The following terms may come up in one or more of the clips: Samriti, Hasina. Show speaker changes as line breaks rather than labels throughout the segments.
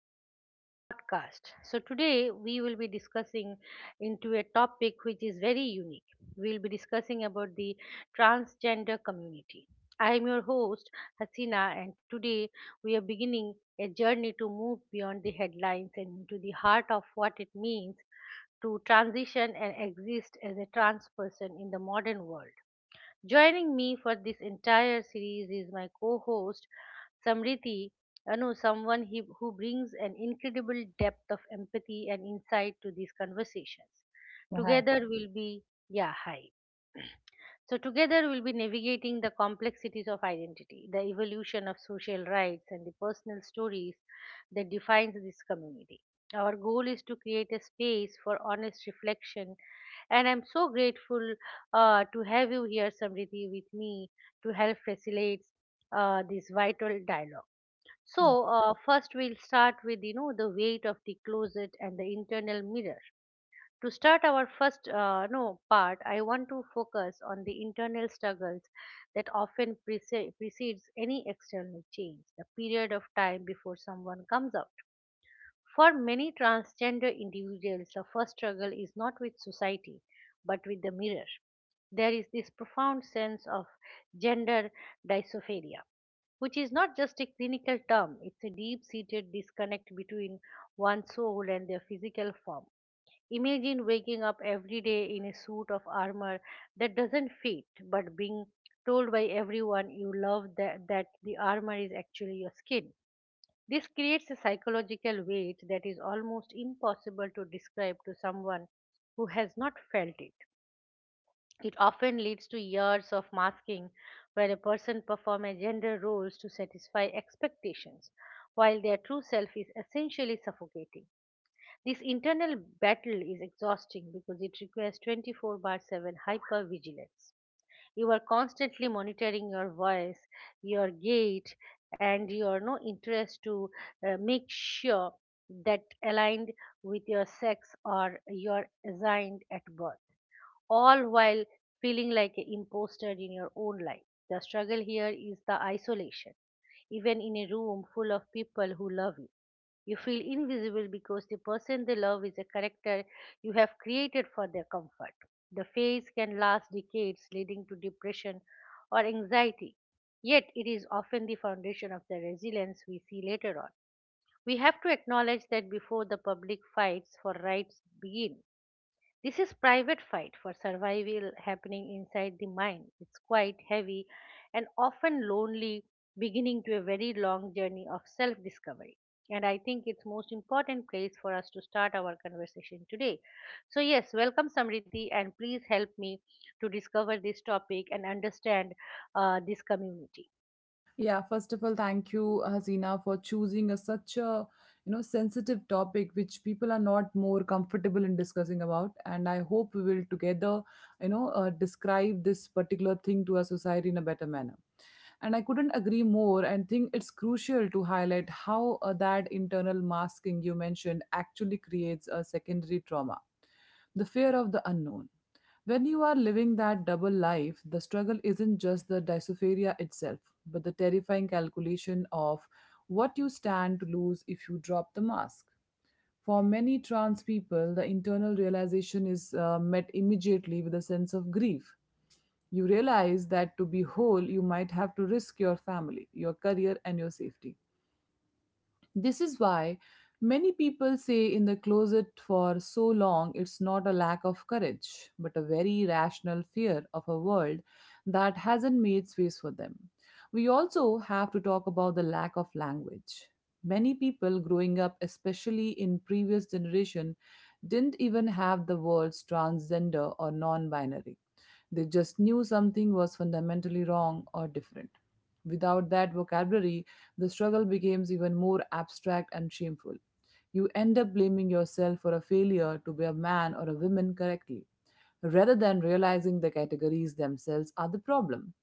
to our podcast. Today we will be discussing into a topic which is very unique. We will be discussing about the transgender community. I am your host, Hasina, and today we are beginning a journey to move beyond the headlines and into the heart of what it means to transition and exist as a trans person in the modern world. Joining me for this entire series is my co host Samriti, who brings an incredible depth of empathy and insight to these conversations.
Hi.
Together we'll be, yeah, hi. So, together we'll be navigating the complexities of identity, the evolution of social rights, and the personal stories that defines this community. Our goal is to create a space for honest reflection, and I'm so grateful to have you here, Samriti, with me to help facilitate this vital dialogue.
Yeah,
First we'll start with the weight of the closet and the internal mirror. To start our first no part, I want to focus on the internal struggles that often precedes any external change, the period of time before someone comes out. For many transgender individuals, the first struggle is not with society, but with the mirror. There is this profound sense of gender dysphoria, which is not just a clinical term, it's a deep seated disconnect between one's soul and their physical form. Imagine waking up every day in a suit of armor that doesn't fit, but being told by everyone you love that the armor is actually your skin. This creates a psychological weight that is almost impossible to describe to someone who has not felt it. It often leads to years of masking where a person performs gender roles to satisfy expectations, while their true self is essentially suffocating. This internal battle is exhausting because it requires 24 by 7 hyper vigilance. You are constantly monitoring your voice, your gait, and your no interest to make sure that aligned with your sex or your assigned at birth, all while feeling like an imposter in your own life. The struggle here is the isolation. Even in a room full of people who love you, you feel invisible because the person they love is a character you have created for their comfort. The phase can last decades, leading to depression or anxiety. Yet, it is often the foundation of the resilience we see later on. We have to acknowledge that before the public fights for rights begin, this is private fight for survival happening inside the mind. It's quite heavy and often lonely beginning to a very long journey of self-discovery. And I think it's most important place for us to start our conversation today. So yes, welcome Samriti, and please help me to discover this topic and understand this community.
Yeah, First of all, thank you, Hasina, for choosing such a sensitive topic which people are not more comfortable in discussing about. And I hope we will together, describe this particular thing to our society in a better manner. And I couldn't agree more and think it's crucial to highlight how that internal masking you mentioned actually creates a secondary trauma, the fear of the unknown. When you are living that double life, the struggle isn't just the dysophoria itself, but the terrifying calculation of what you stand to lose if you drop the mask. For many trans people, the internal realization is met immediately with a sense of grief. You realize that to be whole, you might have to risk your family, your career, and your safety. This is why many people say in the closet for so long. It's not a lack of courage, but a very rational fear of a world that hasn't made space for them. We also have to talk about the lack of language. Many people growing up, especially in previous generation, didn't even have the words transgender or non-binary. They just knew something was fundamentally wrong or different. Without that vocabulary, the struggle becomes even more abstract and shameful. You end up blaming yourself for a failure to be a man or a woman correctly, rather than realizing the categories themselves are the problem.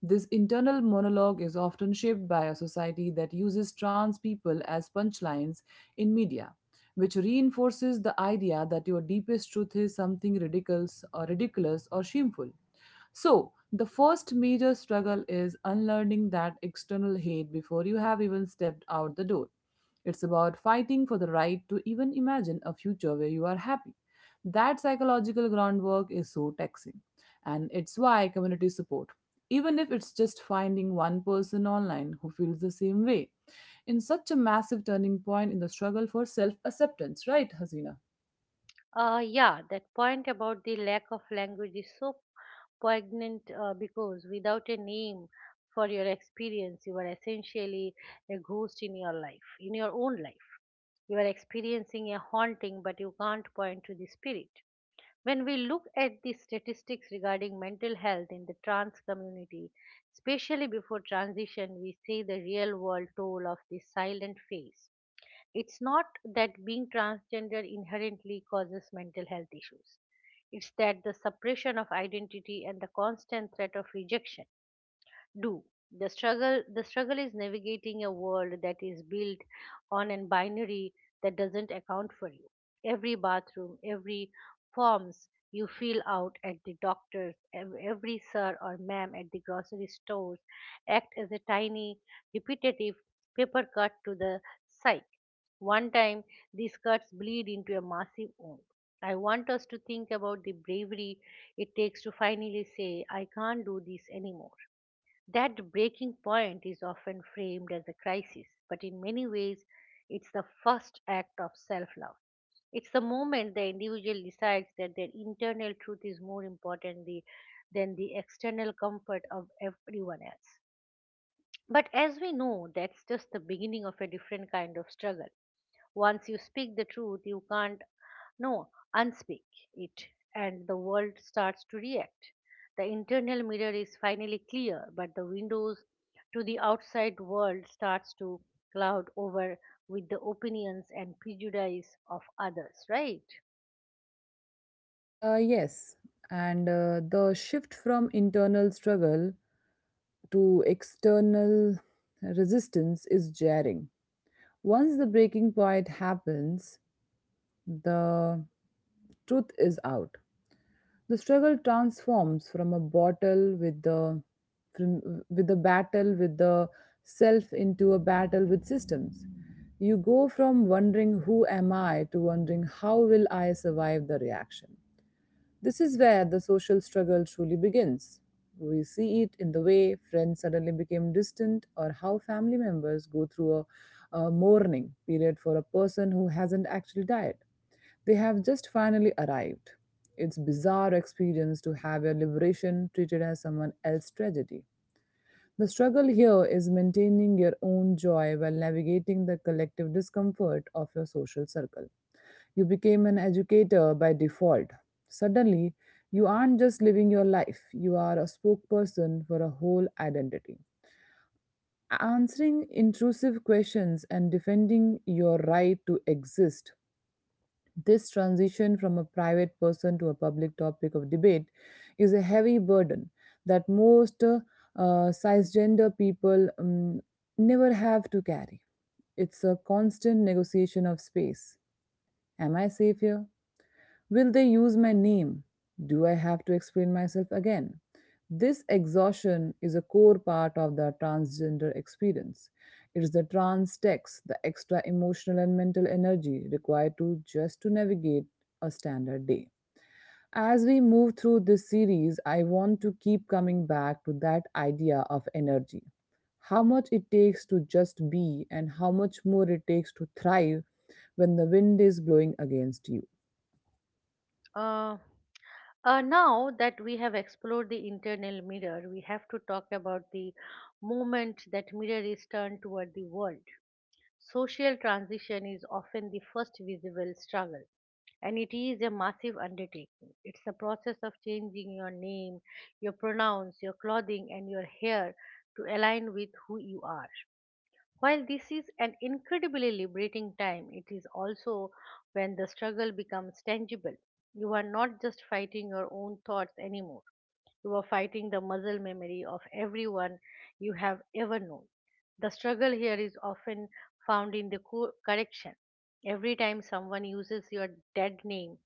This internal monologue is often shaped by a society that uses trans people as punchlines in media, which reinforces the idea that your deepest truth is something ridiculous or ridiculous or shameful. So, the first major struggle is unlearning that external hate before you have even stepped out the door. It's about fighting for the right to even imagine a future where you are happy. That psychological groundwork is so taxing, and it's why community support, even if it's just finding one person online who feels the same way, in such a massive turning point in the struggle for self acceptance, right, Hasina?
Yeah, that point about the lack of language is so poignant because without a name for your experience, you are essentially a ghost in your life, in your own life. You are experiencing a haunting, but you can't point to the spirit. When we look at the statistics regarding mental health in the trans community, especially before transition, we see the real world toll of this silent phase. It's not that being transgender inherently causes mental health issues. It's that the suppression of identity and the constant threat of rejection do. The struggle is navigating a world that is built on a binary that doesn't account for you. Every bathroom, every forms you fill out at the doctor's, every sir or ma'am at the grocery stores act as a tiny, repetitive paper cut to the psyche. One time these cuts bleed into a massive wound. I want us to think about the bravery it takes to finally say, I can't do this anymore. That breaking point is often framed as a crisis, but in many ways, it's the first act of self love. It's the moment the individual decides that their internal truth is more important than the external comfort of everyone else. But as we know, that's just the beginning of a different kind of struggle. Once you speak the truth, you can't no, unspeak it, and the world starts to react. The internal mirror is finally clear, but the windows to the outside world starts to cloud over with the opinions and prejudice of others, right?
Yes, and the shift from internal struggle to external resistance is jarring. Once the breaking point happens, the truth is out. The struggle transforms from a battle with the from, with the battle with the self into a battle with systems. You go from wondering who am I to wondering how will I survive the reaction. This is where the social struggle truly begins. We see it in the way friends suddenly became distant or how family members go through a mourning period for a person who hasn't actually died. They have just finally arrived. It's bizarre experience to have your liberation treated as someone else's tragedy. The struggle here is maintaining your own joy while navigating the collective discomfort of your social circle. You became an educator by default. Suddenly, you aren't just living your life, you are a spokesperson for a whole identity. Answering intrusive questions and defending your right to exist. This transition from a private person to a public topic of debate is a heavy burden that most cisgender people never have to carry. It's a constant negotiation of space. Am I safe here? Will they use my name? Do I have to explain myself again? This exhaustion is a core part of the transgender experience. It is the trans text, the extra emotional and mental energy required to just to navigate a standard day. As we move through this series, I want to keep coming back to that idea of energy. How much it takes to just be and how much more it takes to thrive when the wind is blowing against you.
Uh, Now that we have explored the internal mirror, we have to talk about the moment that mirror is turned toward the world. Social transition is often the first visible struggle, and it is a massive undertaking. It's a process of changing your name, your pronouns, your clothing, and your hair to align with who you are. While this is an incredibly liberating time, it is also when the struggle becomes tangible. You are not just fighting your own thoughts anymore, you are fighting the muscle memory of everyone you have ever known. The struggle here is often found in the correction. Every time someone uses your dead name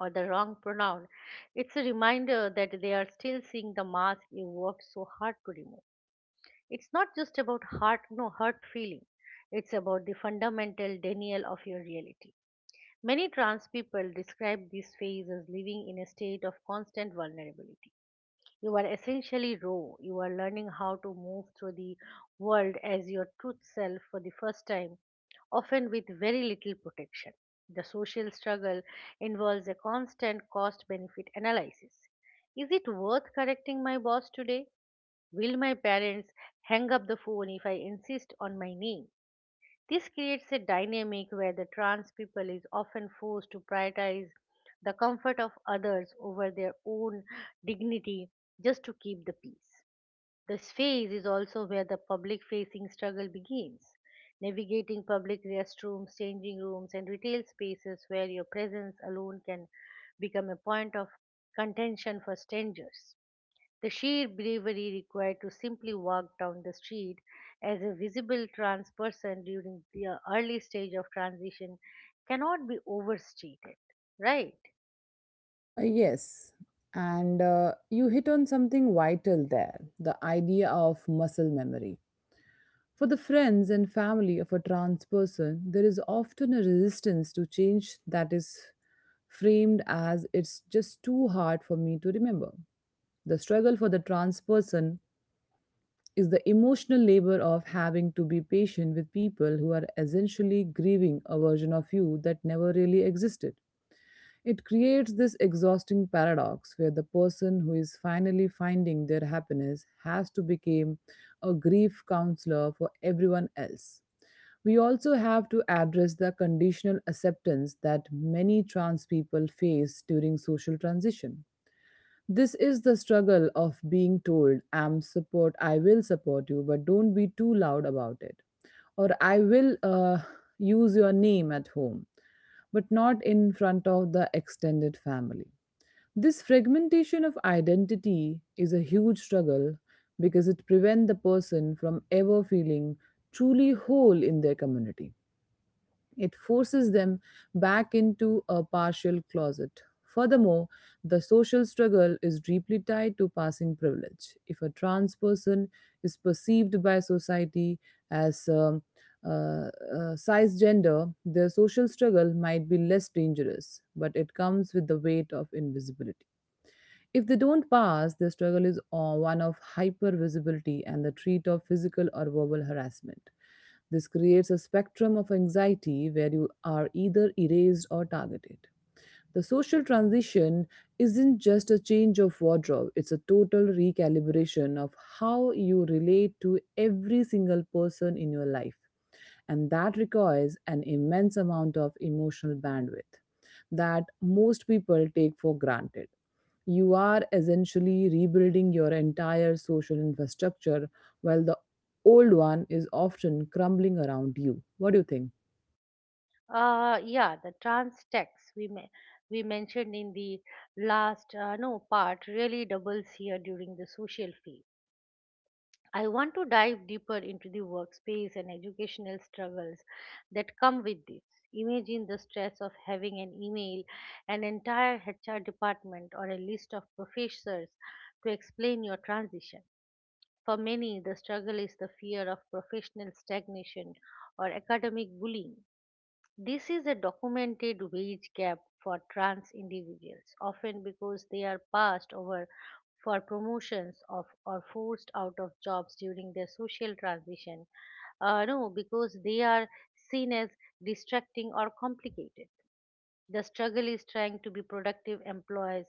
or the wrong pronoun, it's a reminder that they are still seeing the mask you worked so hard to remove. It's not just about heart, no hurt feeling. It's about the fundamental denial of your reality. Many trans people describe this phase as living in a state of constant vulnerability. You are essentially raw. You are learning how to move through the world as your truth self for the first time, often with very little protection. The social struggle involves a constant cost benefit analysis. Is it worth correcting my boss today? Will my parents hang up the phone if I insist on my name? This creates a dynamic where the trans people is often forced to prioritize the comfort of others over their own dignity just to keep the peace. This phase is also where the public facing struggle begins. Navigating public restrooms, changing rooms, and retail spaces where your presence alone can become a point of contention for strangers. The sheer bravery required to simply walk down the street as a visible trans person during the early stage of transition cannot be overstated, right?
Yes, and you hit on something vital there, the idea of muscle memory. For the friends and family of a trans person, there is often a resistance to change that is framed as it's just too hard for me to remember. The struggle for the trans person is the emotional labor of having to be patient with people who are essentially grieving a version of you that never really existed. It creates this exhausting paradox where the person who is finally finding their happiness has to become a grief counselor for everyone else. We also have to address the conditional acceptance that many trans people face during social transition. This is the struggle of being told I'm support I will support you but don't be too loud about it, or I will use your name at home but not in front of the extended family. This fragmentation of identity is a huge struggle because it prevents the person from ever feeling truly whole in their community. It forces them back into a partial closet. Furthermore, the social struggle is deeply tied to passing privilege. If a trans person is perceived by society as uh, uh, cisgender, their social struggle might be less dangerous, but it comes with the weight of invisibility. If they don't pass, the struggle is one of hyper visibility and the threat of physical or verbal harassment. This creates a spectrum of anxiety where you are either erased or targeted. The social transition isn't just a change of wardrobe, it's a total recalibration of how you relate to every single person in your life, and that requires an immense amount of emotional bandwidth that most people take for granted. You are essentially rebuilding your entire social infrastructure while the old one is often crumbling around you. What do you think?
Yeah, the trans tax we may, we mentioned in the last no part really doubles here during the social phase. I want to dive deeper into the workspace and educational struggles that come with this. Imagine the stress of having an email, an entire HR department, or a list of professors to explain your transition. For many, the struggle is the fear of professional stagnation or academic bullying. This is a documented wage gap for trans individuals, often because they are passed over for promotions of or forced out of jobs during their social transition. No, Because they are seen as distracting or complicated. The struggle is trying to be productive employees,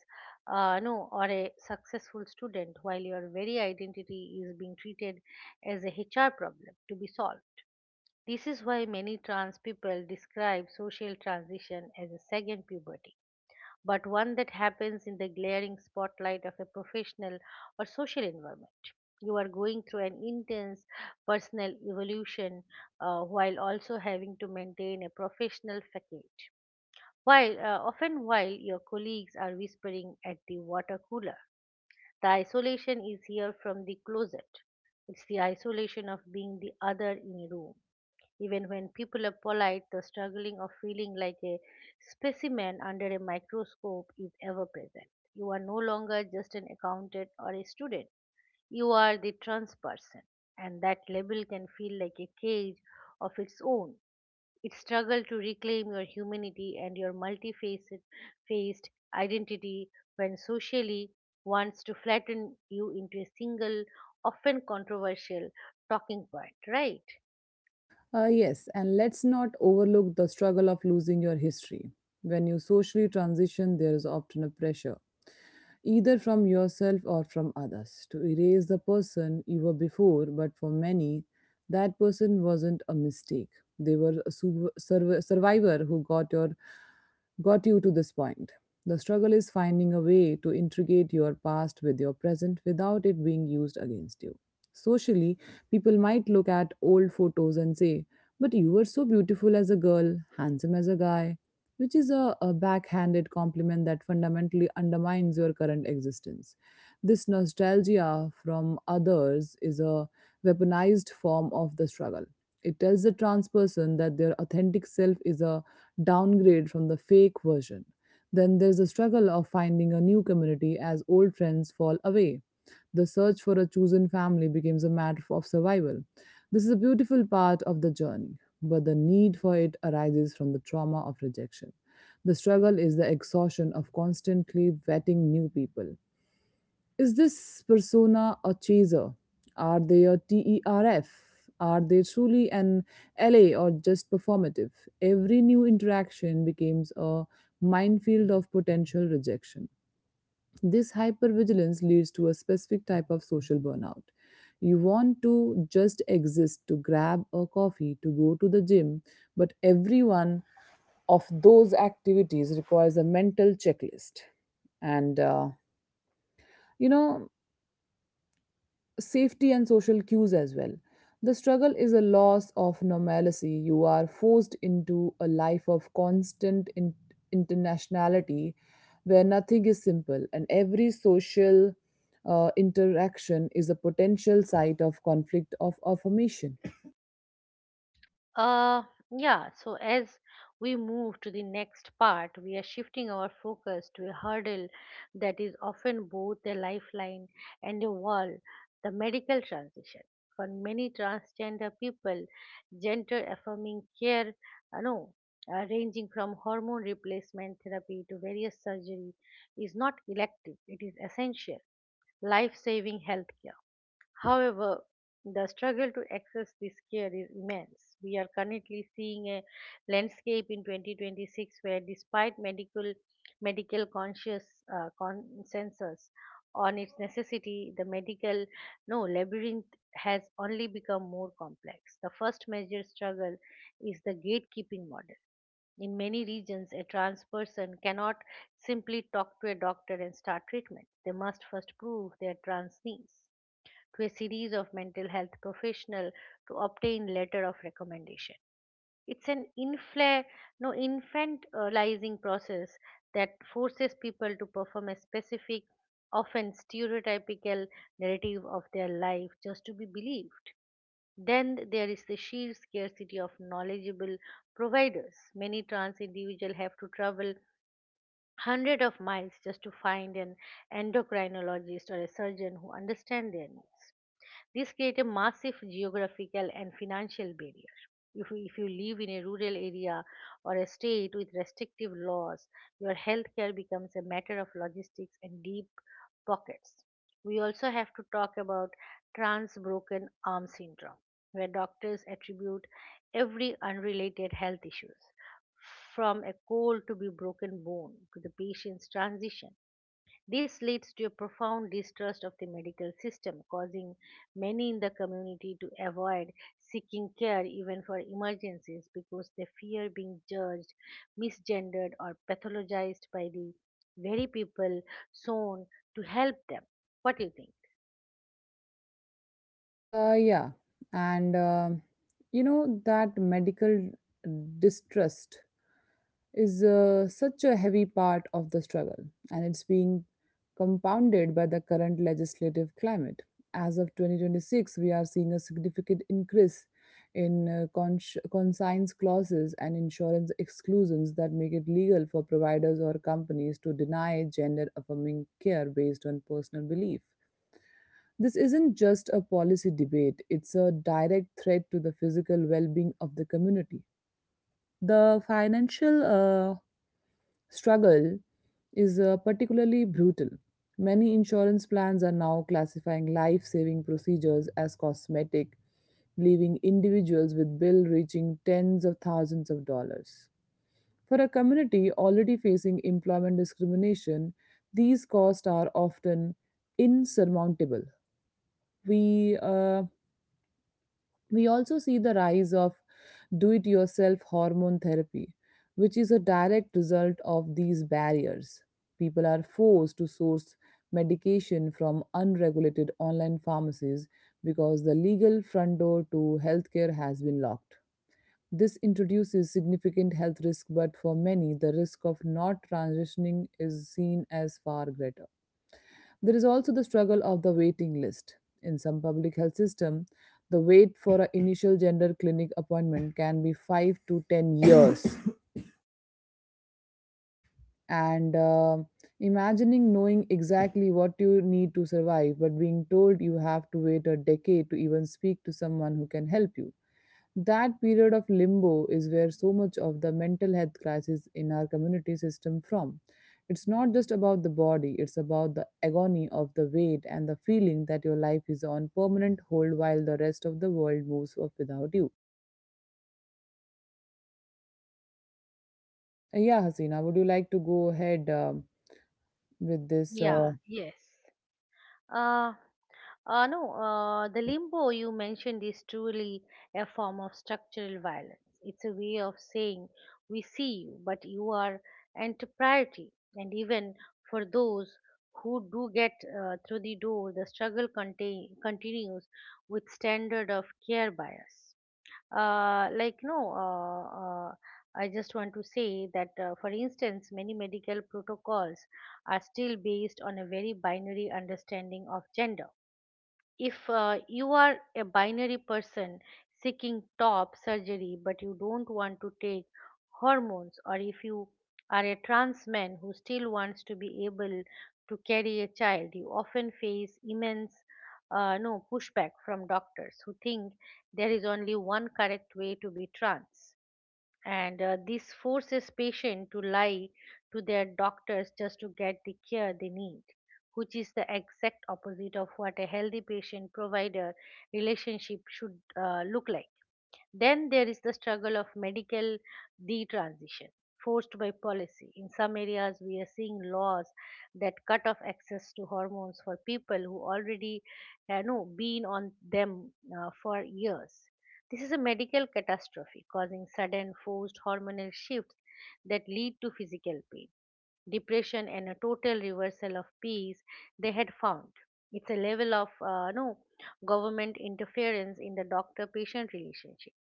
no, or a successful student, while your very identity is being treated as a HR problem to be solved. This is why many trans people describe social transition as a second puberty, but one that happens in the glaring spotlight of a professional or social environment. You are going through an intense personal evolution while also having to maintain a professional facade. While your colleagues are whispering at the water cooler, the isolation is here from the closet. It's the isolation of being the other in a room even when people are polite, the struggling of feeling like a specimen under a microscope is ever present. You are no longer just an accountant or a student, you are the trans person, and that label can feel like a cage of its own. It struggles to reclaim your humanity and your multifaceted faced identity when socially wants to flatten you into a single, often controversial, talking point, right?
Yes, and let's not overlook the struggle of losing your history. When you socially transition, there is often a pressure either from yourself or from others, to erase the person you were before, but for many, that person wasn't a mistake. They were a survivor who got you to this point. The struggle is finding a way to integrate your past with your present without it being used against you. Socially, people might look at old photos and say, but you were so beautiful as a girl, handsome as a guy, which is a backhanded compliment that fundamentally undermines your current existence. This nostalgia from others is a weaponized form of the struggle. It tells the trans person that their authentic self is a downgrade from the fake version. Then there's the struggle of finding a new community. As old friends fall away, the search for a chosen family becomes a matter of survival. This is a beautiful part of the journey, but the need for it arises from the trauma of rejection. The struggle is the exhaustion of constantly vetting new people. Is this persona a chaser? Are they a TERF? Are they truly an LA or just performative? Every new interaction becomes a minefield of potential rejection. This hypervigilance leads to a specific type of social burnout. You want to just exist, to grab a coffee, to go to the gym, but every one of those activities requires a mental checklist. And uh, you know, safety and social cues as well. The struggle is a loss of normalcy. You are forced into a life of constant internationality where nothing is simple and every social interaction is a potential site of conflict of affirmation.
Uh, yeah, so as we move to the next part, we are shifting our focus to a hurdle that is often both a lifeline and a wall, the medical transition. For many transgender people, gender affirming care, no, ranging from hormone replacement therapy to various surgery, is not elective, it is essential life saving healthcare. However, the struggle to access this care is immense. We are currently seeing a landscape in 2026 where, despite medical conscious consensus on its necessity, the medical no labyrinth has only become more complex. The first major struggle is the gatekeeping model. In many regions, a trans person cannot simply talk to a doctor and start treatment. They must first prove their trans needs to a series of mental health professionals to obtain letter of recommendation. It's an infla- no, infantilizing process that forces people to perform a specific, often stereotypical narrative of their life just to be believed. Then there is the sheer scarcity of knowledgeable providers. Many trans individuals have to travel hundreds of miles just to find an endocrinologist or a surgeon who understands their needs. This creates a massive geographical and financial barrier. If you live in a rural area or a state with restrictive laws, your healthcare becomes a matter of logistics and deep pockets. We also have to talk about trans broken arm syndrome, where doctors attribute every unrelated health issues from a cold to be broken bone to the patient's transition. This leads to a profound distrust of the medical system, causing many in the community to avoid seeking care even for emergencies because they fear being judged, misgendered, or pathologized by the very people shown to help them. What do you think?
Yeah, and you know that medical distrust is such a heavy part of the struggle, and it's being compounded by the current legislative climate. As of 2026, we are seeing a significant increase in conscience clauses and insurance exclusions that make it legal for providers or companies to deny gender affirming care based on personal belief. This isn't just a policy debate, it's a direct threat to the physical well being of the community. The financial struggle is particularly brutal. Many insurance plans are now classifying life saving procedures as cosmetic, leaving individuals with bills reaching tens of thousands of dollars. For a community already facing employment discrimination, these costs are often insurmountable. We uh, we also see the rise of do it yourself hormone therapy, which is a direct result of these barriers. People are forced to source medication from unregulated online pharmacies because the legal front door to healthcare has been locked. This introduces significant health risk, but for many, the risk of not transitioning is seen as far greater. There is also the struggle of the waiting list. In some public health system, the wait for an initial gender clinic appointment can be 5 to 10 years. And Imagining knowing exactly what you need to survive, but being told you have to wait a decade to even speak to someone who can help you. That period of limbo is where so much of the mental health crisis in our community system from. It's not just about the body, it's about the agony of the weight and the feeling that your life is on permanent hold while the rest of the world moves off without you. Yeah, Hasina, would you like to go ahead with this?
Yeah, yes. Uh, no, The limbo you mentioned is truly a form of structural violence. It's a way of saying we see you, but you are antipriority. And even for those who do get through the door, the struggle continues with standard of care bias. Like no, I just want to say that, for instance, many medical protocols are still based on a very binary understanding of gender. If you are a binary person seeking top surgery but you don't want to take hormones, or if you are a trans man who still wants to be able to carry a child, you often face immense no pushback from doctors who think there is only one correct way to be trans. And this forces patients to lie to their doctors just to get the care they need, which is the exact opposite of what a healthy patient provider relationship should look like. Then there is the struggle of medical detransition forced by policy. In some areas, we are seeing laws that cut off access to hormones for people who already, been on them for years. This is a medical catastrophe causing sudden forced hormonal shifts that lead to physical pain, depression and a total reversal of peace they had found. It's a level of no government interference in the doctor-patient relationship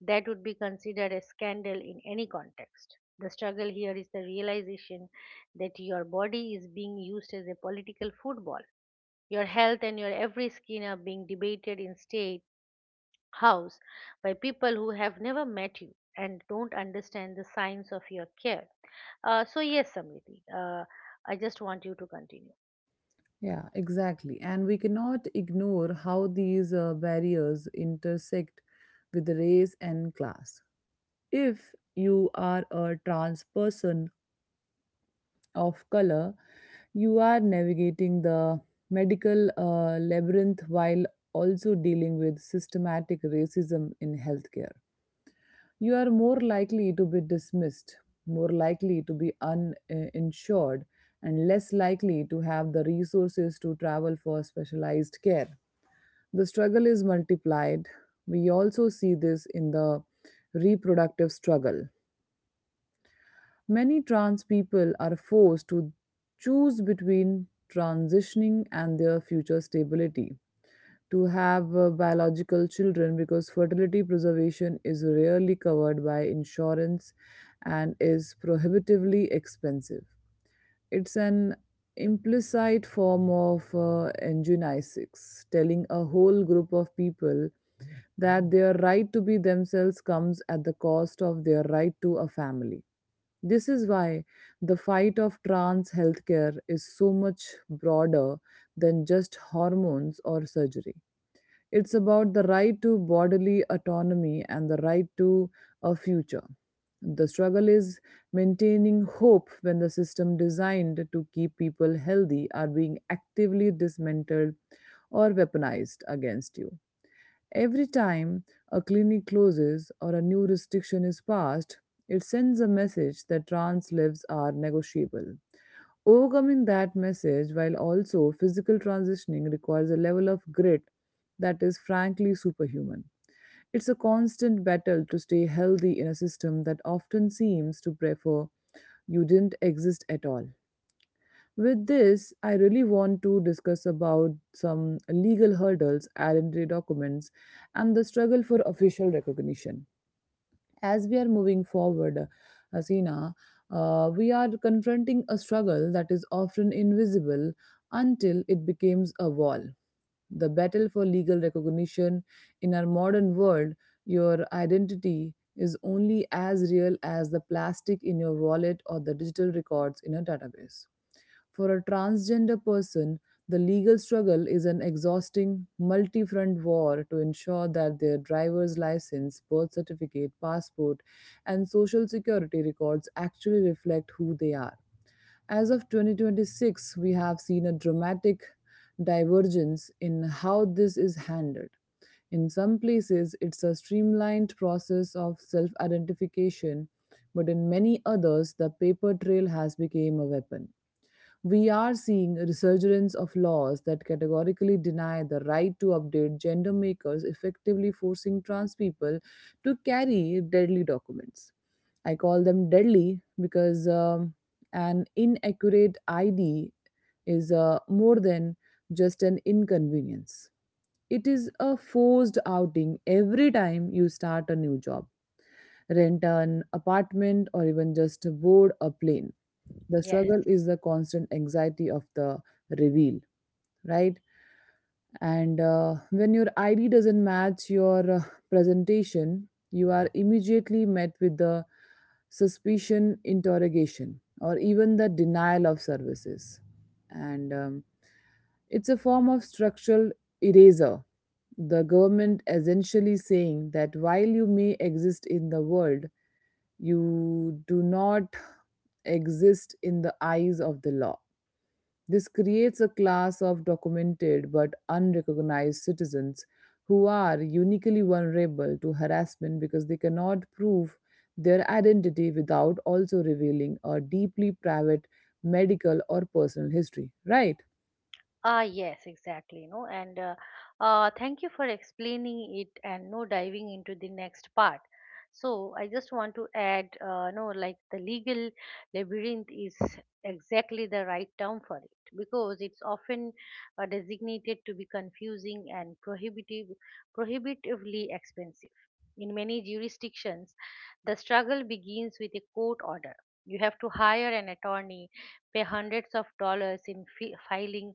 that would be considered a scandal in any context. The struggle here is the realization that your body is being used as a political football. Your health and your every skin are being debated in state house by people who have never met you and don't understand the signs of your care. So, yes, Samriti, I just want you to continue.
Yeah, exactly. And we cannot ignore how these barriers intersect with race and class if you are a trans person of color, you are navigating the medical labyrinth while also dealing with systematic racism in healthcare. You are more likely to be dismissed, more likely to be uninsured, and less likely to have the resources to travel for specialized care. The struggle is multiplied. We also see this in the reproductive struggle. Many trans people are forced to choose between transitioning and their future stability. To have biological children because fertility preservation is rarely covered by insurance and is prohibitively expensive. It's an implicit form of angiogenesis, telling a whole group of people that their right to be themselves comes at the cost of their right to a family. This is why the fight of trans healthcare is so much broader than just hormones or surgery. It's about the right to bodily autonomy and the right to a future. The struggle is maintaining hope when the system designed to keep people healthy are being actively dismantled or weaponized against you. Every time a clinic closes or a new restriction is passed, it sends a message that trans lives are negotiable. Overcoming that message while also physical transitioning requires a level of grit that is frankly superhuman. It's a constant battle to stay healthy in a system that often seems to prefer you didn't exist at all. With this, I really want to discuss about some legal hurdles, identity documents, and the struggle for official recognition. As we are moving forward, Hasina, we are confronting a struggle that is often invisible until it becomes a wall. The battle for legal recognition in our modern world, your identity is only as real as the plastic in your wallet or the digital records in a database. For a transgender person, the legal struggle is an exhausting, multi front war to ensure that their driver's license, birth certificate, passport, and social security records actually reflect who they are. As of 2026, we have seen a dramatic divergence in how this is handled. In some places, it's a streamlined process of self identification, but in many others, the paper trail has become a weapon. We are seeing a resurgence of laws that categorically deny the right to update gender markers, effectively forcing trans people to carry deadly documents. I call them deadly because an inaccurate ID is more than just an inconvenience. It is a forced outing every time you start a new job, rent an apartment, or even just board a plane. The
Yes.
struggle is the constant anxiety of the reveal, right? And when your id doesn't match your presentation, you are immediately met with the suspicion interrogation or even the denial of services, and it's a form of structural eraser, the government essentially saying that while you may exist in the world, you do not exist in the eyes of the law. This creates a class of documented but unrecognized citizens who are uniquely vulnerable to harassment because they cannot prove their identity without also revealing a deeply private medical or personal history, right?
Ah, yes, exactly. You know, and thank you for explaining it and no diving into the next part. So I just want to add, no, like the legal labyrinth is exactly the right term for it because it's often designated to be confusing and prohibitive, prohibitively expensive. In many jurisdictions, the struggle begins with a court order. You have to hire an attorney, pay hundreds of dollars in filing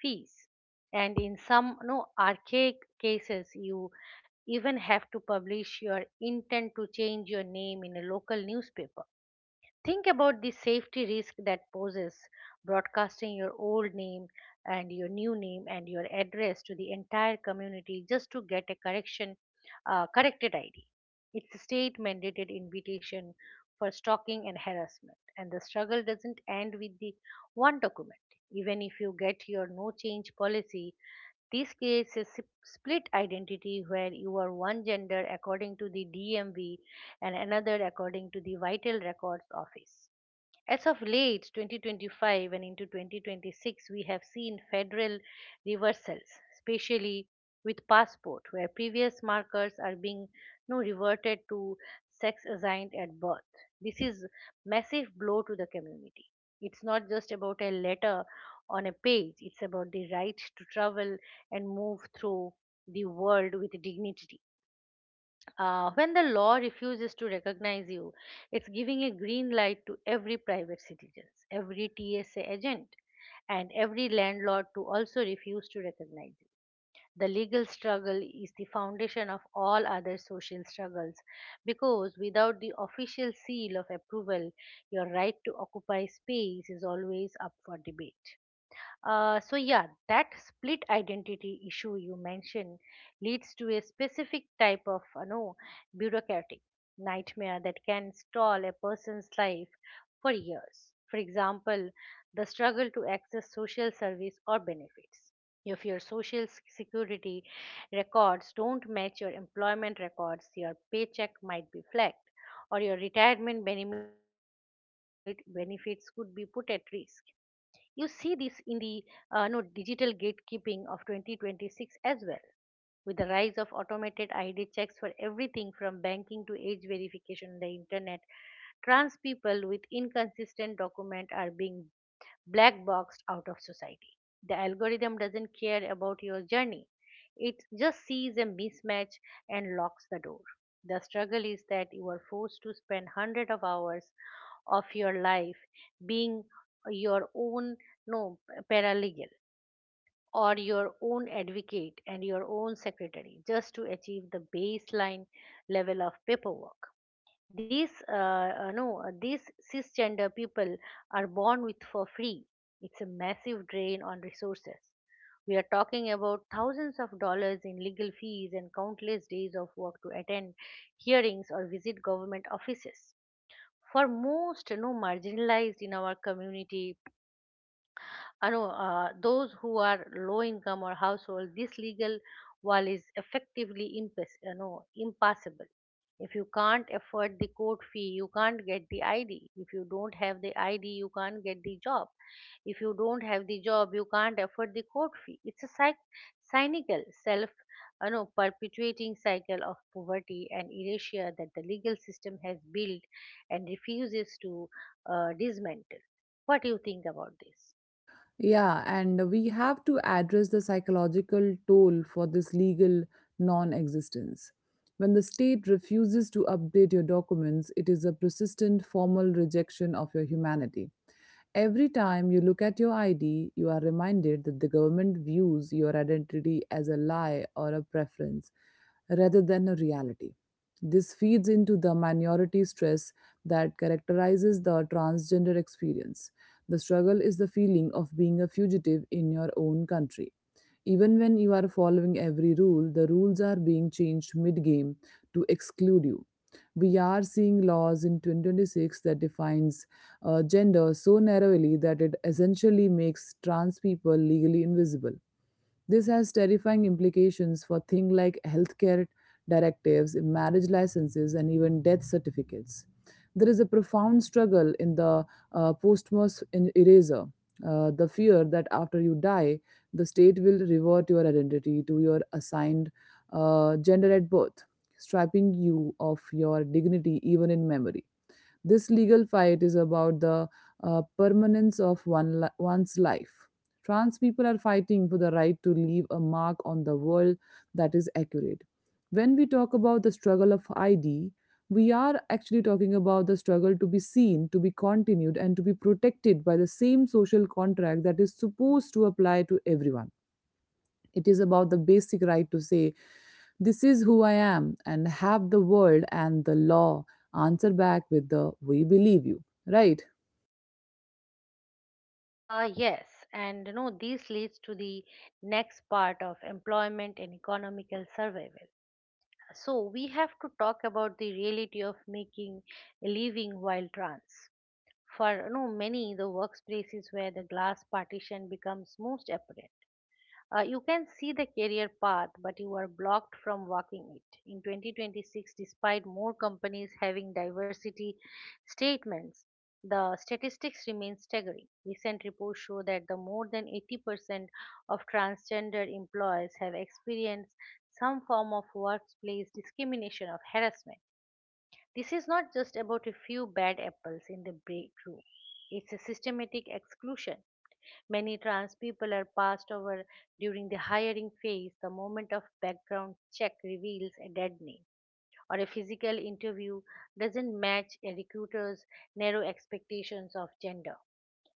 fees, and in some no archaic cases you even have to publish your intent to change your name in a local newspaper. Think about the safety risk that poses, broadcasting your old name and your new name and your address to the entire community just to get a correction, corrected ID. It's a state mandated invitation for stalking and harassment, and the struggle doesn't end with the one document. Even if you get your no change policy, this creates a split identity where you are one gender according to the DMV and another according to the Vital Records Office. As of late 2025 and into 2026, we have seen federal reversals, especially with passport, where previous markers are being, reverted to sex assigned at birth. This is massive blow to the community. It's not just about a letter on a page; it's about the right to travel and move through the world with dignity. When the law refuses to recognize you, it's giving a green light to every private citizen, every TSA agent, and every landlord to also refuse to recognize you. The legal struggle is the foundation of all other social struggles because without the official seal of approval, your right to occupy space is always up for debate. That split identity issue you mentioned leads to a specific type of bureaucratic nightmare that can stall a person's life for years. For example, the struggle to access social service or benefits. If your social security records don't match your employment records, your paycheck might be flagged, or your retirement benefit benefits could be put at risk. You see this in the no digital gatekeeping of 2026 as well, with the rise of automated ID checks for everything from banking to age verification on the internet. Trans people with inconsistent document are being black boxed out of society. The algorithm doesn't care about your journey. It just sees a mismatch and locks the door. The struggle is that you are forced to spend hundreds of hours of your life being your own no paralegal or your own advocate and your own secretary just to achieve the baseline level of paperwork these no these cisgender people are born with for free. It's a massive drain on resources. We are talking about thousands of dollars in legal fees and countless days of work to attend hearings or visit government offices. For most, marginalized in our community, I know those who are low income or household, this legal wall is effectively impassable. If you can't afford the court fee, you can't get the ID. If you don't have the ID, you can't get the job. If you don't have the job, you can't afford the court fee. It's a cynical, self perpetuating cycle of poverty and erasure that the legal system has built and refuses to dismantle. What do you think about this?
Yeah, and we have to address the psychological toll for this legal non existence. When the state refuses to update your documents, it is a persistent formal rejection of your humanity. Every time you look at your ID, you are reminded that the government views your identity as a lie or a preference rather than a reality. This feeds into the minority stress that characterizes the transgender experience. The struggle is the feeling of being a fugitive in your own country. Even when you are following every rule, the rules are being changed mid game to exclude you. We are seeing laws in 2026 that defines gender so narrowly that it essentially makes trans people legally invisible. This has terrifying implications for things like healthcare directives, marriage licenses, and even death certificates. There is a profound struggle in the posthumous eraser. The fear that after you die, the state will revert your identity to your assigned gender at birth, stripping you of your dignity even in memory. This legal fight is about the permanence of one's life. Trans people are fighting for the right to leave a mark on the world that is accurate. When we talk about the struggle of ID, we are actually talking about the struggle to be seen, to be continued, and to be protected by the same social contract that is supposed to apply to everyone. It is about the basic right to say, This is who I am, and have the world and the law answer back with the We believe you, right?
Yes, and you know this leads to the next part of employment and economical survival. So we have to talk about the reality of making a living while trans. For many, the workplace is where the glass partition becomes most apparent. You can see the career path, but you are blocked from walking it. In 2026, despite more companies having diversity statements, the statistics remain staggering. Recent reports show that the more than 80% of transgender employees have experienced some form of workplace discrimination or harassment. This is not just about a few bad apples in the break room. It's a systematic exclusion. Many trans people are passed over during the hiring phase. The moment of background check reveals a dead name or a physical interview doesn't match a recruiter's narrow expectations of gender.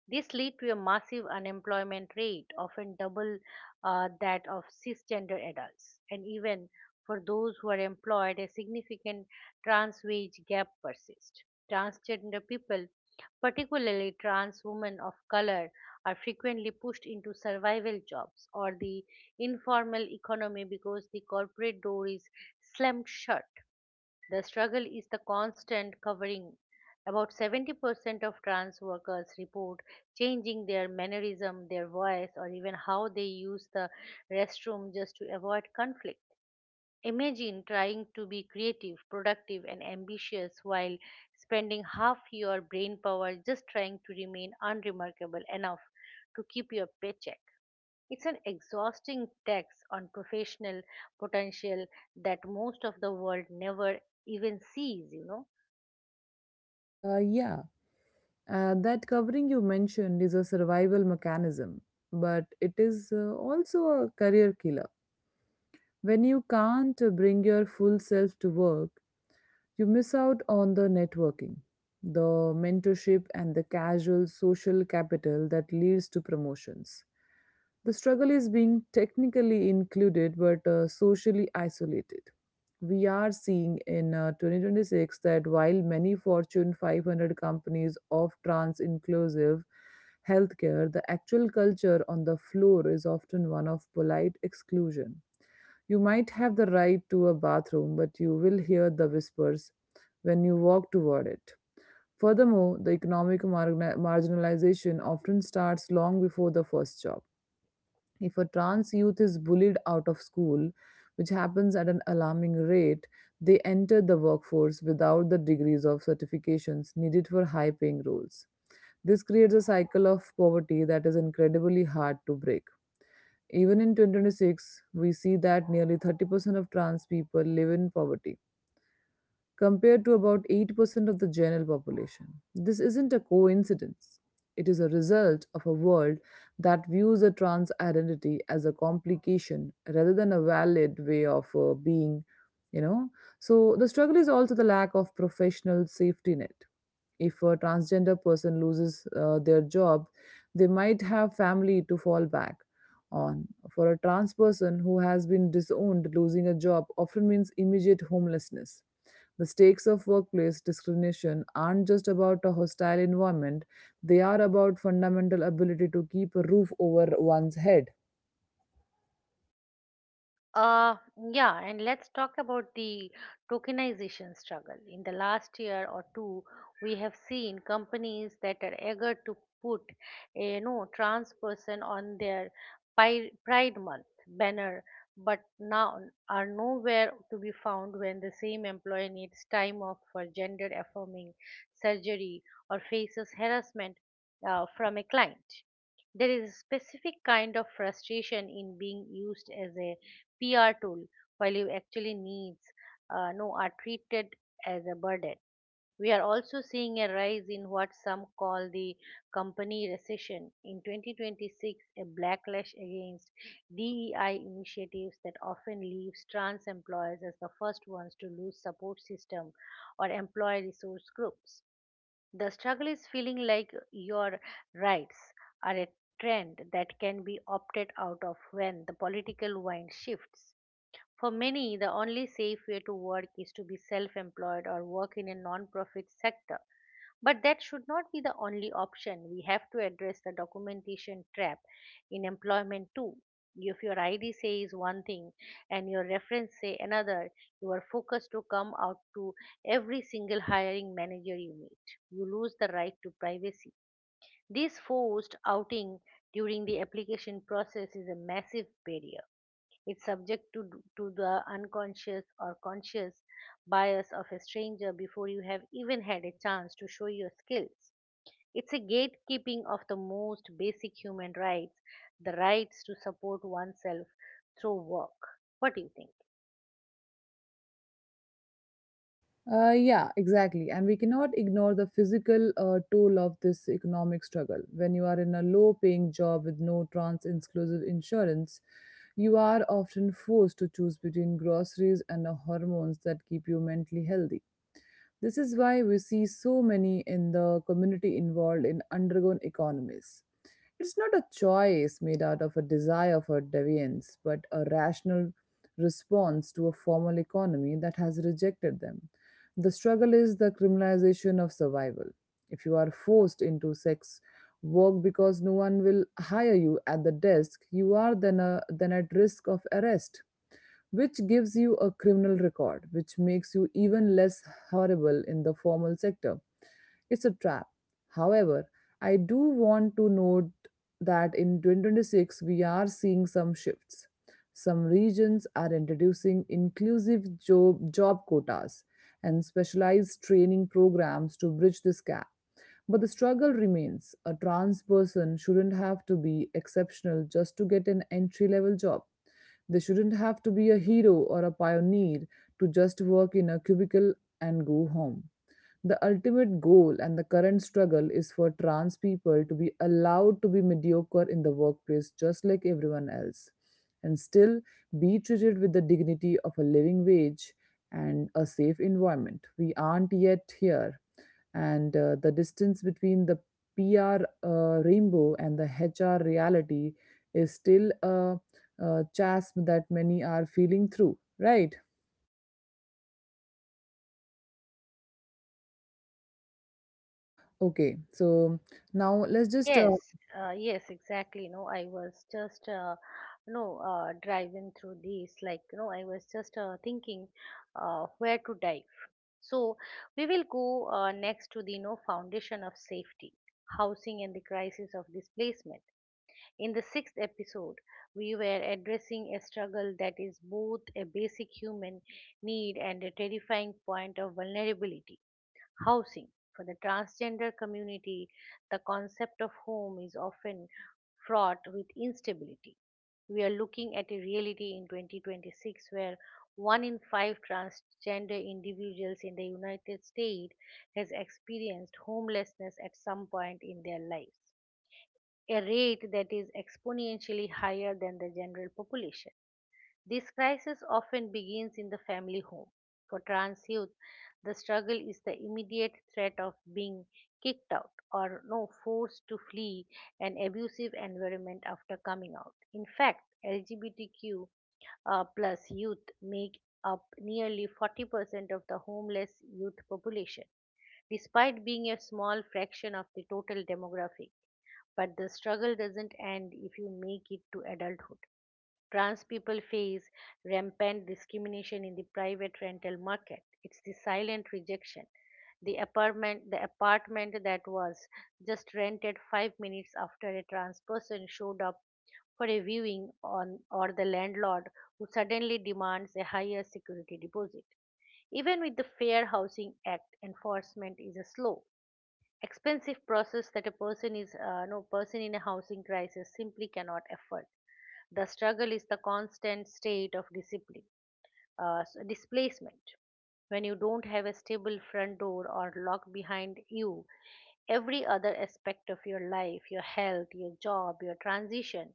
This led to a massive unemployment rate, often double that of cisgender adults, and even for those who are employed, a significant trans wage gap persists. Transgender people, particularly trans women of color, are frequently pushed into survival jobs or the informal economy because the corporate door is slammed shut. The struggle is the constant covering. About 70% of trans workers report changing their mannerism, their voice, or even how they use the restroom just to avoid conflict. Imagine trying to be creative, productive, and ambitious while spending half your brain power just trying to remain unremarkable enough to keep your paycheck. It's an exhausting tax on professional potential that most of the world never even sees, you know.
Yeah, that covering you mentioned is a survival mechanism, but it is also a career killer. When you can't bring your full self to work, you miss out on the networking, the mentorship, and the casual social capital that leads to promotions. The struggle is being technically included but socially isolated. We are seeing in 2026 that while many Fortune 500 companies offer trans inclusive healthcare, the actual culture on the floor is often one of polite exclusion. You might have the right to a bathroom, but you will hear the whispers when you walk toward it. Furthermore, the economic marginalization often starts long before the first job. If a trans youth is bullied out of school, which happens at an alarming rate, they enter the workforce without the degrees of certifications needed for high paying roles. This creates a cycle of poverty that is incredibly hard to break. Even in 2026, we see that nearly 30% of trans people live in poverty, compared to about 8% of the general population. This isn't a coincidence. It is a result of a world that views a trans identity as a complication rather than a valid way of being, you know. So the struggle is also the lack of professional safety net. If a transgender person loses their job, they might have family to fall back on. For a trans person who has been disowned, losing a job often means immediate homelessness. The stakes of workplace discrimination aren't just about a hostile environment, they are about fundamental ability to keep a roof over one's head.
Uh, yeah, and let's talk about the tokenization struggle. In the last year or two, we have seen companies that are eager to put a trans person on their Pride Month banner, but now are nowhere to be found when the same employee needs time off for gender affirming surgery or faces harassment from a client. There is a specific kind of frustration in being used as a PR tool while you actually needs no are treated as a burden. We are also seeing a rise in what some call the company recession in 2026, a backlash against DEI initiatives that often leaves trans employers as the first ones to lose support system or employee resource groups. The struggle is feeling like your rights are a trend that can be opted out of when the political wind shifts. For many, the only safe way to work is to be self employed or work in a non profit sector. But that should not be the only option. We have to address the documentation trap in employment too. If your ID says one thing and your reference say another, you are focused to come out to every single hiring manager you meet. You lose the right to privacy. This forced outing during the application process is a massive barrier. It's subject to the unconscious or conscious bias of a stranger before you have even had a chance to show your skills. It's a gatekeeping of the most basic human rights, the rights to support oneself through work. What do you think?
Yeah, exactly. And we cannot ignore the physical toll of this economic struggle. When you are in a low paying job with no trans exclusive insurance, you are often forced to choose between groceries and the hormones that keep you mentally healthy. This is why we see so many in the community involved in underground economies. It's not a choice made out of a desire for deviance, but a rational response to a formal economy that has rejected them. The struggle is the criminalization of survival. If you are forced into sex work because no one will hire you at the desk, you are then at risk of arrest, which gives you a criminal record, which makes you even less horrible in the formal sector. It's a trap. However, I do want to note that in 2026 we are seeing some shifts. Some regions are introducing inclusive job quotas and specialized training programs to bridge this gap. But the struggle remains. A trans person shouldn't have to be exceptional just to get an entry level job. They shouldn't have to be a hero or a pioneer to just work in a cubicle and go home. The ultimate goal and the current struggle is for trans people to be allowed to be mediocre in the workplace just like everyone else and still be treated with the dignity of a living wage and a safe environment. We aren't yet here, and the distance between the PR rainbow and the HR reality is still a chasm that many are feeling through, right? Okay, so now let's just
Yes, yes, exactly. No, I was just no driving through this. Like, I was just thinking where to dive. So we will go next to the foundation of safety, housing and the crisis of displacement. In the sixth episode, we were addressing a struggle that is both a basic human need and a terrifying point of vulnerability, housing. For the transgender community, the concept of home is often fraught with instability. We are looking at a reality in 2026 where one in five transgender individuals in the United States has experienced homelessness at some point in their lives, a rate that is exponentially higher than the general population. This crisis often begins in the family home. For trans youth, the struggle is the immediate threat of being kicked out or no forced to flee an abusive environment after coming out. In fact, LGBTQ plus youth make up nearly 40% of the homeless youth population, despite being a small fraction of the total demographic. But the struggle doesn't end if you make it to adulthood. Trans people face rampant discrimination in the private rental market. It's the silent rejection. The apartment that was just rented 5 minutes after a trans person showed up for a viewing, on or the landlord who suddenly demands a higher security deposit. Even with the Fair Housing Act, enforcement is slow, expensive process that a person is no person in a housing crisis simply cannot afford. The struggle is the constant state of displacement. When you don't have a stable front door or lock behind you, every other aspect of your life, your health, your job, your transition,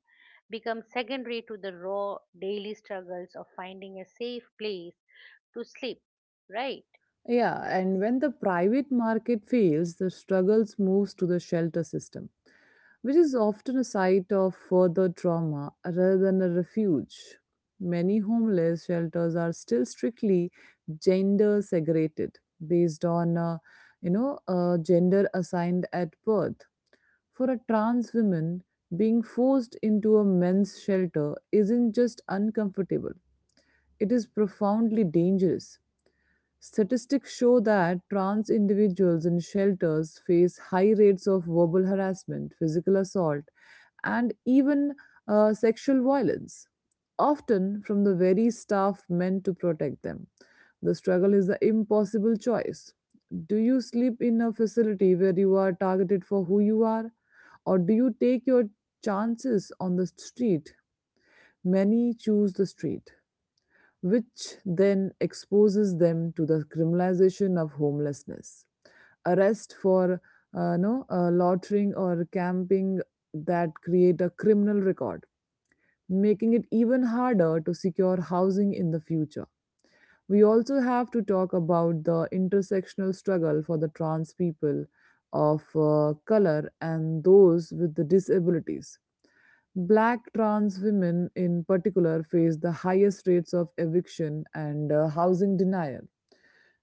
becomes secondary to the raw daily struggles of finding a safe place to sleep, right?
Yeah, and when the private market fails, the struggles moves to the shelter system, which is often a site of further trauma rather than a refuge. Many homeless shelters are still strictly gender segregated based on gender assigned at birth. For a trans woman, being forced into a men's shelter isn't just uncomfortable, it is profoundly dangerous. Statistics show that trans individuals in shelters face high rates of verbal harassment, physical assault, and even sexual violence, often from the very staff meant to protect them. The struggle is the impossible choice. Do you sleep in a facility where you are targeted for who you are, or do you take your chances on the street? Many choose the street which then exposes them to the criminalization of homelessness. Arrest for no loitering or camping that create a criminal record, making it even harder to secure housing in the future. We also have to talk about the intersectional struggle for the trans people of color and those with the disabilities. Black trans women, in particular, face the highest rates of eviction and housing denial.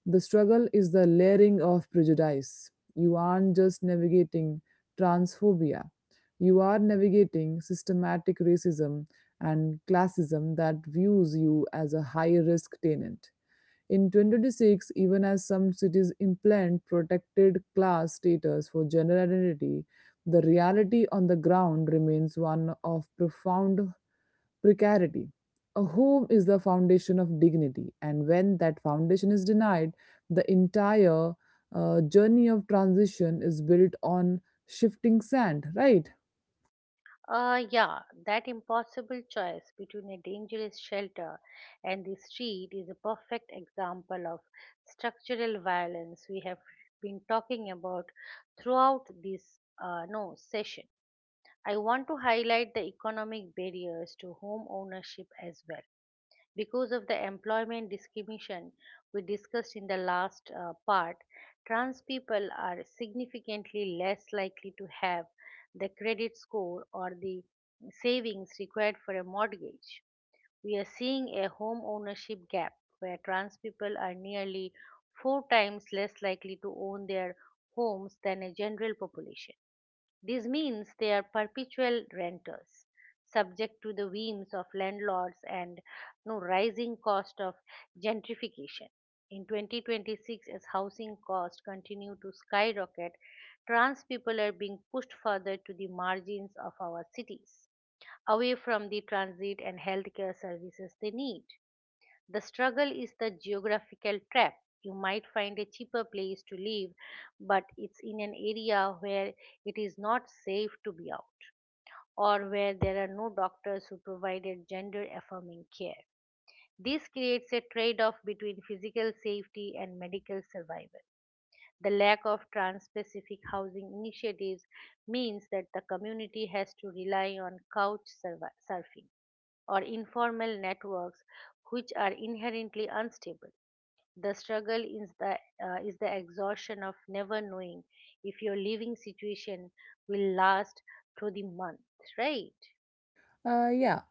The struggle is the layering of prejudice. You aren't just navigating transphobia, you are navigating systematic racism and classism that views you as a high risk tenant. In 2026, even as some cities implant protected class status for gender identity, the reality on the ground remains one of profound precarity. A home is the foundation of dignity, and when that foundation is denied, the entire journey of transition is built on shifting sand, right?
Yeah, that impossible choice between a dangerous shelter and the street is a perfect example of structural violence we have been talking about throughout this no session. I want to highlight the economic barriers to home ownership as well because of the employment discrimination we discussed in the last part, trans people are significantly less likely to have the credit score or the savings required for a mortgage. We are seeing a home ownership gap where trans people are nearly four times less likely to own their homes than a general population. This means they are perpetual renters, subject to the whims of landlords and no rising cost of gentrification. In 2026, as housing costs continue to skyrocket, trans people are being pushed further to the margins of our cities, away from the transit and healthcare services they need. The struggle is the geographical trap. You might find a cheaper place to live, but it's in an area where it is not safe to be out, or where there are no doctors who provided gender affirming care. This creates a trade off between physical safety and medical survival. The lack of trans specific housing initiatives means that the community has to rely on couch survi- surfing or informal networks which are inherently unstable. The struggle is the exhaustion of never knowing if your living situation will last through the month, right?
Yeah,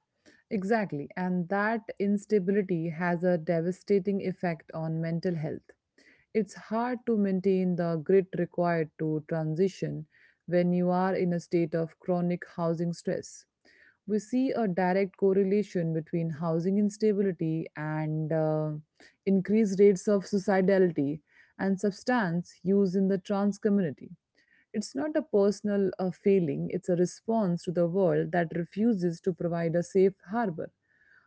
exactly. And that instability has a devastating effect on mental health. It's hard to maintain the grit required to transition when you are in a state of chronic housing stress. We see a direct correlation between housing instability and increased rates of suicidality and substance use in the trans community. It's not a personal failing, it's a response to the world that refuses to provide a safe harbor.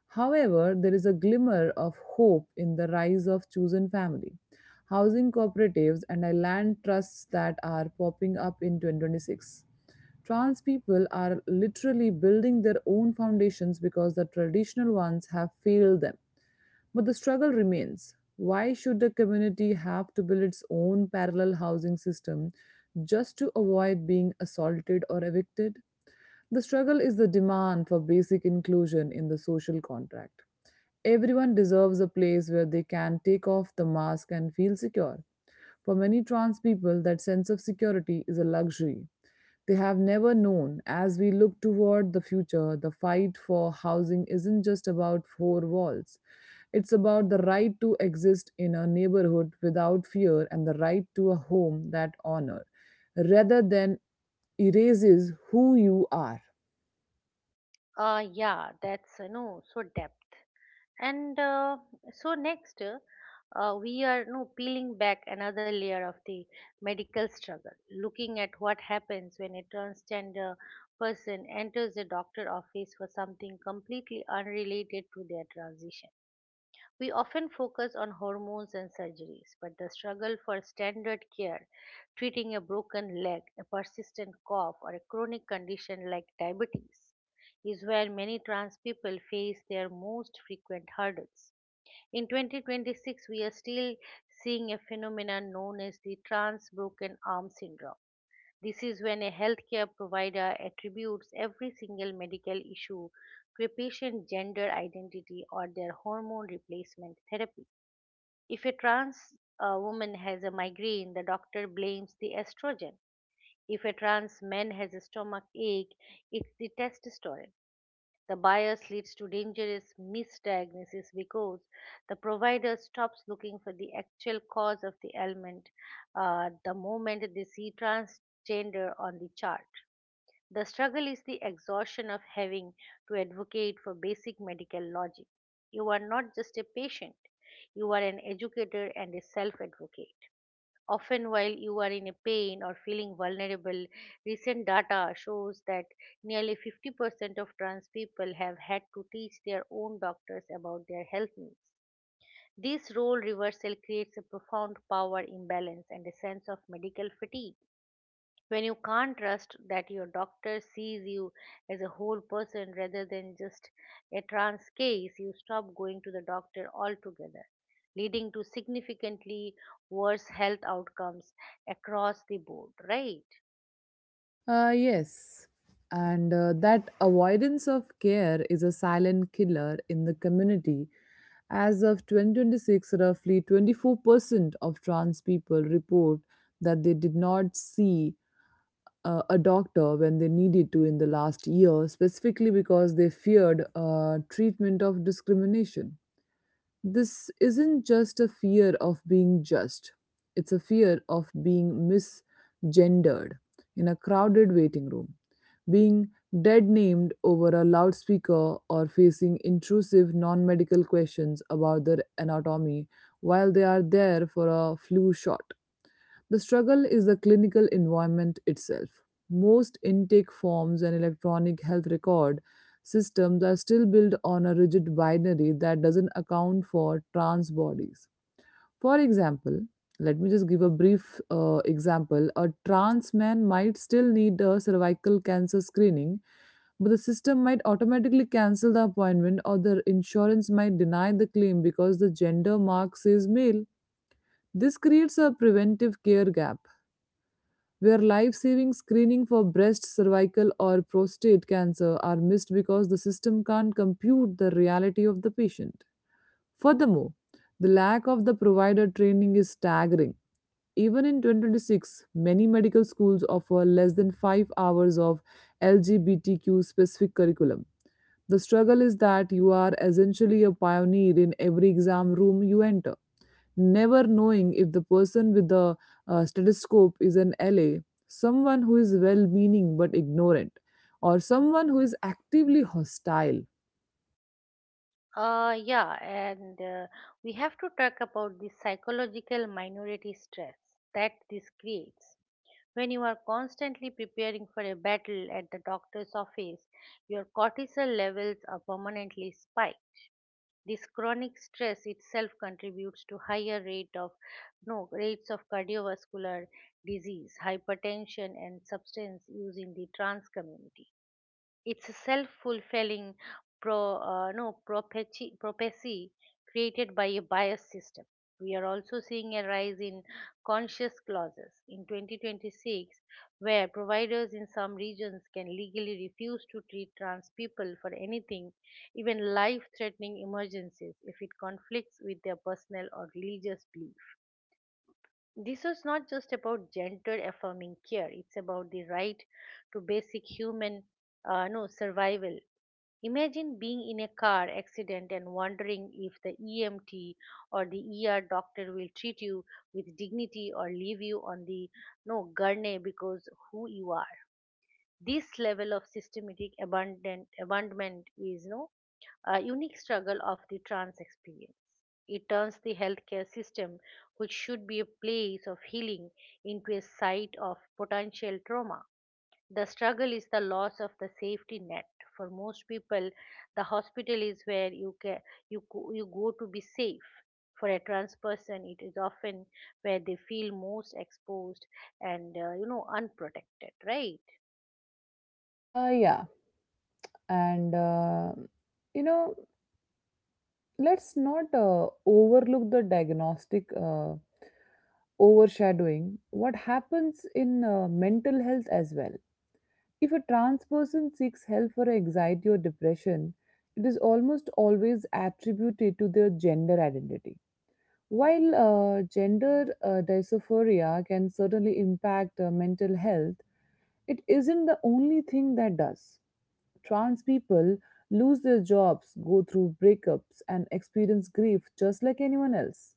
However, there is a glimmer of hope in the rise of chosen family, housing cooperatives, and land trusts that are popping up in 2026. Trans people are literally building their own foundations because the traditional ones have failed them. But the struggle remains. Why should a community have to build its own parallel housing system just to avoid being assaulted or evicted? The struggle is the demand for basic inclusion in the social contract. Everyone deserves a place where they can take off the mask and feel secure. For many trans people, that sense of security is a luxury they have never known. As we look toward the future, the fight for housing isn't just about four walls. It's about the right to exist in a neighborhood without fear and the right to a home that honor rather than erases who you are.
Yeah, that's no so depth. And so next, we are no peeling back another layer of the medical struggle, looking at what happens when a transgender person enters a doctor office for something completely unrelated to their transition. We often focus on hormones and surgeries, but the struggle for standard care, treating a broken leg, a persistent cough, or a chronic condition like diabetes, is where many trans people face their most frequent hurdles. In 2026, we are still seeing a phenomenon known as the trans broken arm syndrome. This is when a healthcare provider attributes every single medical issue to a patient's gender identity or their hormone replacement therapy. If a trans woman has a migraine, the doctor blames the estrogen. If a trans man has a stomach ache, it's the testosterone. The bias leads to dangerous misdiagnosis because the provider stops looking for the actual cause of the ailment the moment they see transgender on the chart. The struggle is the exhaustion of having to advocate for basic medical logic. You are not just a patient, you are an educator and a self advocate. Often, while you are in a pain or feeling vulnerable, recent data shows that nearly 50% of trans people have had to teach their own doctors about their health needs. This role reversal creates a profound power imbalance and a sense of medical fatigue. When you can't trust that your doctor sees you as a whole person rather than just a trans case, you stop going to the doctor altogether, leading to significantly worse health outcomes across the board, right?
Yes. And that avoidance of care is a silent killer in the community. As of 2026, roughly 24% of trans people report that they did not see a doctor when they needed to in the last year, specifically because they feared treatment of discrimination. This isn't just a fear of being judged, it's a fear of being misgendered in a crowded waiting room, being dead named over a loudspeaker, or facing intrusive non medical questions about their anatomy while they are there for a flu shot. The struggle is the clinical environment itself. Most intake forms and electronic health record systems are still built on a rigid binary that doesn't account for trans bodies. For example, let me just give a brief example. A trans man might still need a cervical cancer screening, but the system might automatically cancel the appointment or the insurance might deny the claim because the gender mark says male. This creates a preventive care gap where life saving screening for breast, cervical, or prostate cancer are missed because the system can't compute the reality of the patient. Furthermore, the lack of the provider training is staggering. Even in 2026, many medical schools offer less than 5 hours of LGBTQ specific curriculum. The struggle is that you are essentially a pioneer in every exam room you enter, never knowing if the person with the stethoscope is an LA, someone who is well meaning but ignorant, or someone who is actively hostile.
Yeah, and we have to talk about the psychological minority stress that this creates. When you are constantly preparing for a battle at the doctor's office, your cortisol levels are permanently spiked. This chronic stress itself contributes to higher rate of no rates of cardiovascular disease, hypertension, and substance use in the trans community. It's a self-fulfilling pro, no, prophecy, prophecy created by a bias system. We are also seeing a rise in conscious clauses in 2026, where providers in some regions can legally refuse to treat trans people for anything, even life-threatening emergencies, if it conflicts with their personal or religious belief. This is not just about gender-affirming care; it's about the right to basic human no survival. Imagine being in a car accident and wondering if the EMT or the ER doctor will treat you with dignity or leave you on the no gurney because who you are. This level of systematic abandon, abandonment is no a unique struggle of the trans experience. It turns the healthcare system, which should be a place of healing, into a site of potential trauma. The struggle is the loss of the safety net. For most people, the hospital is where you go to be safe. For a trans person, it is often where they feel most exposed and unprotected, right?
Yeah, and you know, let's not overlook the diagnostic overshadowing. What happens in mental health as well? If a trans person seeks help for anxiety or depression, it is almost always attributed to their gender identity. While gender dysphoria can certainly impact mental health, it isn't the only thing that does. Trans people lose their jobs, go through breakups, and experience grief just like anyone else.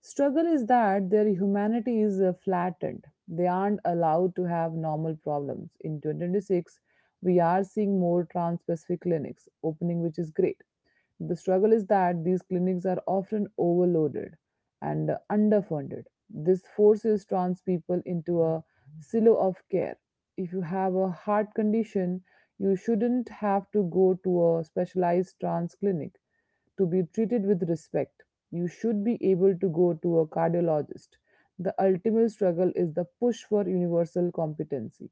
Struggle is that their humanity is flattened. They aren't allowed to have normal problems. In 2026, we are seeing more trans specific clinics opening, which is great. The struggle is that these clinics are often overloaded and underfunded. This forces trans people into a silo of care. If you have a heart condition, you shouldn't have to go to a specialized trans clinic to be treated with respect. You should be able to go to a cardiologist. The ultimate struggle is the push for universal competency.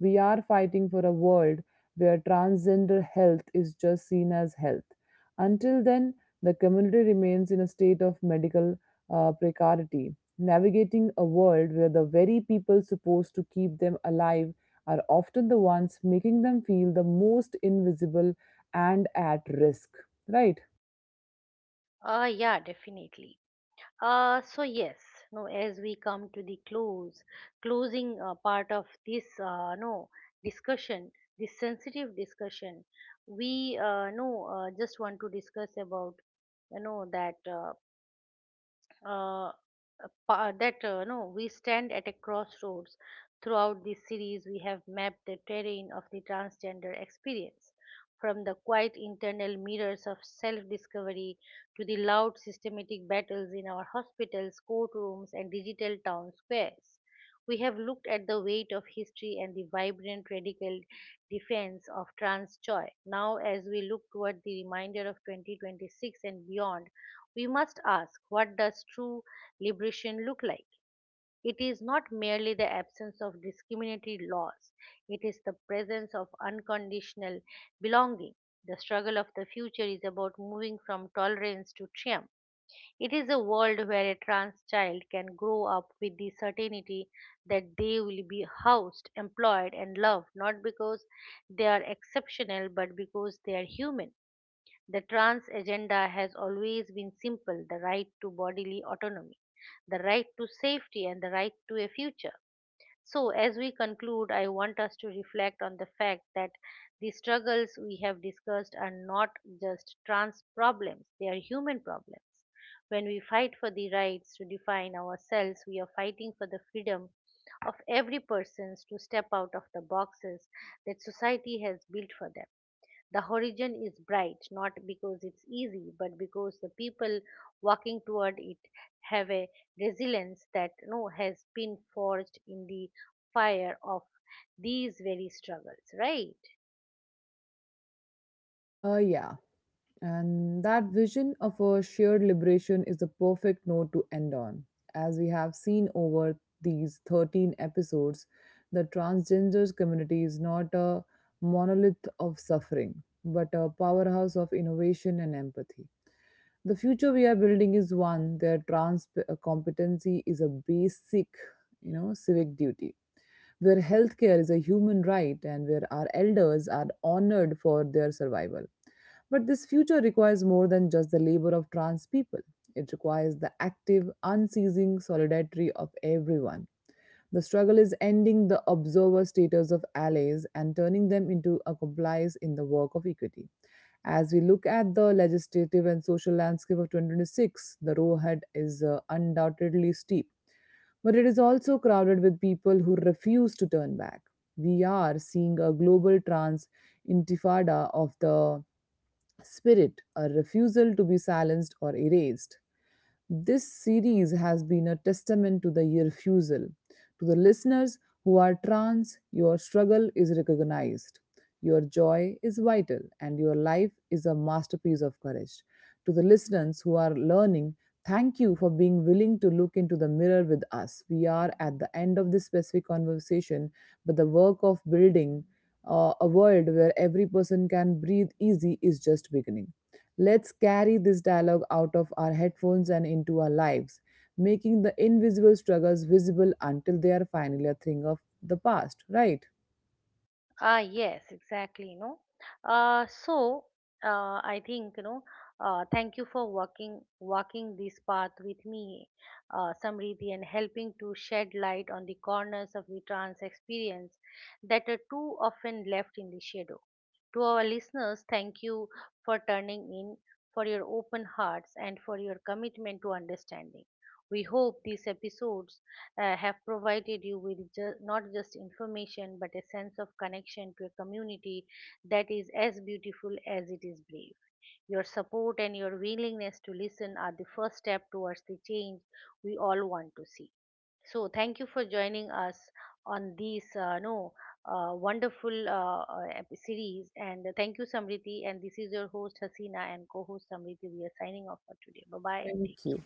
We are fighting for a world where transgender health is just seen as health. Until then, the community remains in a state of medical precarity, navigating a world where the very people supposed to keep them alive are often the ones making them feel the most invisible and at risk, right?
Ah, yeah, definitely. So yes, no, as we come to the closing part of this no discussion, this sensitive discussion, we no just want to discuss about that uh, a pa- that no, we stand at a crossroads. Throughout this series, we have mapped the terrain of the transgender experience, from the quiet internal mirrors of self-discovery to the loud systematic battles in our hospitals, courtrooms, and digital town squares. We have looked at the weight of history and the vibrant radical defense of trans joy. Now, as we look toward the reminder of 2026 and beyond, we must ask, what does true liberation look like? It is not merely the absence of discriminatory laws, it is the presence of unconditional belonging. The struggle of the future is about moving from tolerance to triumph. It is a world where a trans child can grow up with the certainty that they will be housed, employed, and loved, not because they are exceptional but because they are human. The trans agenda has always been simple: the right to bodily autonomy, the right to safety, and the right to a future. So, as we conclude, I want us to reflect on the fact that the struggles we have discussed are not just trans problems, they are human problems. When we fight for the rights to define ourselves, we are fighting for the freedom of every person to step out of the boxes that society has built for them. The horizon is bright, not because it's easy, but because the people walking toward it have a resilience that no has been forged in the fire of these very struggles, right?
Yeah. And that vision of a shared liberation is the perfect note to end on. As we have seen over these 13 episodes, the transgender community is not a monolith of suffering, but a powerhouse of innovation and empathy. The future we are building is one where trans competency is a basic, you know, civic duty, where healthcare is a human right and where our elders are honored for their survival. But this future requires more than just the labor of trans people. It requires the active, unceasing solidarity of everyone. The struggle is ending the observer status of allies and turning them into accomplices in the work of equity. As we look at the legislative and social landscape of 2026, the road ahead is undoubtedly steep, but it is also crowded with people who refuse to turn back. We are seeing a global trans intifada of the spirit, a refusal to be silenced or erased. This series has been a testament to the refusal. To the listeners who are trans, your struggle is recognized. Your joy is vital and your life is a masterpiece of courage. To the listeners who are learning, thank you for being willing to look into the mirror with us. We are at the end of this specific conversation, but the work of building a world where every person can breathe easy is just beginning. Let's carry this dialogue out of our headphones and into our lives, making the invisible struggles visible until they are finally a thing of the past, right?
Ah, yes, exactly. You know, uh, so uh, I think you know. Thank you for walking this path with me, Samriti, and helping to shed light on the corners of the trans experience that are too often left in the shadow. To our listeners, thank you for turning in, for your open hearts, and for your commitment to understanding. We hope these episodes have provided you with not just information but a sense of connection to a community that is as beautiful as it is brave. Your support and your willingness to listen are the first step towards the change we all want to see. So, thank you for joining us on this no wonderful series. And thank you, Samriti. And this is your host Hasina and co-host Samriti. We are signing off for today. Bye bye and
Thank
take
you.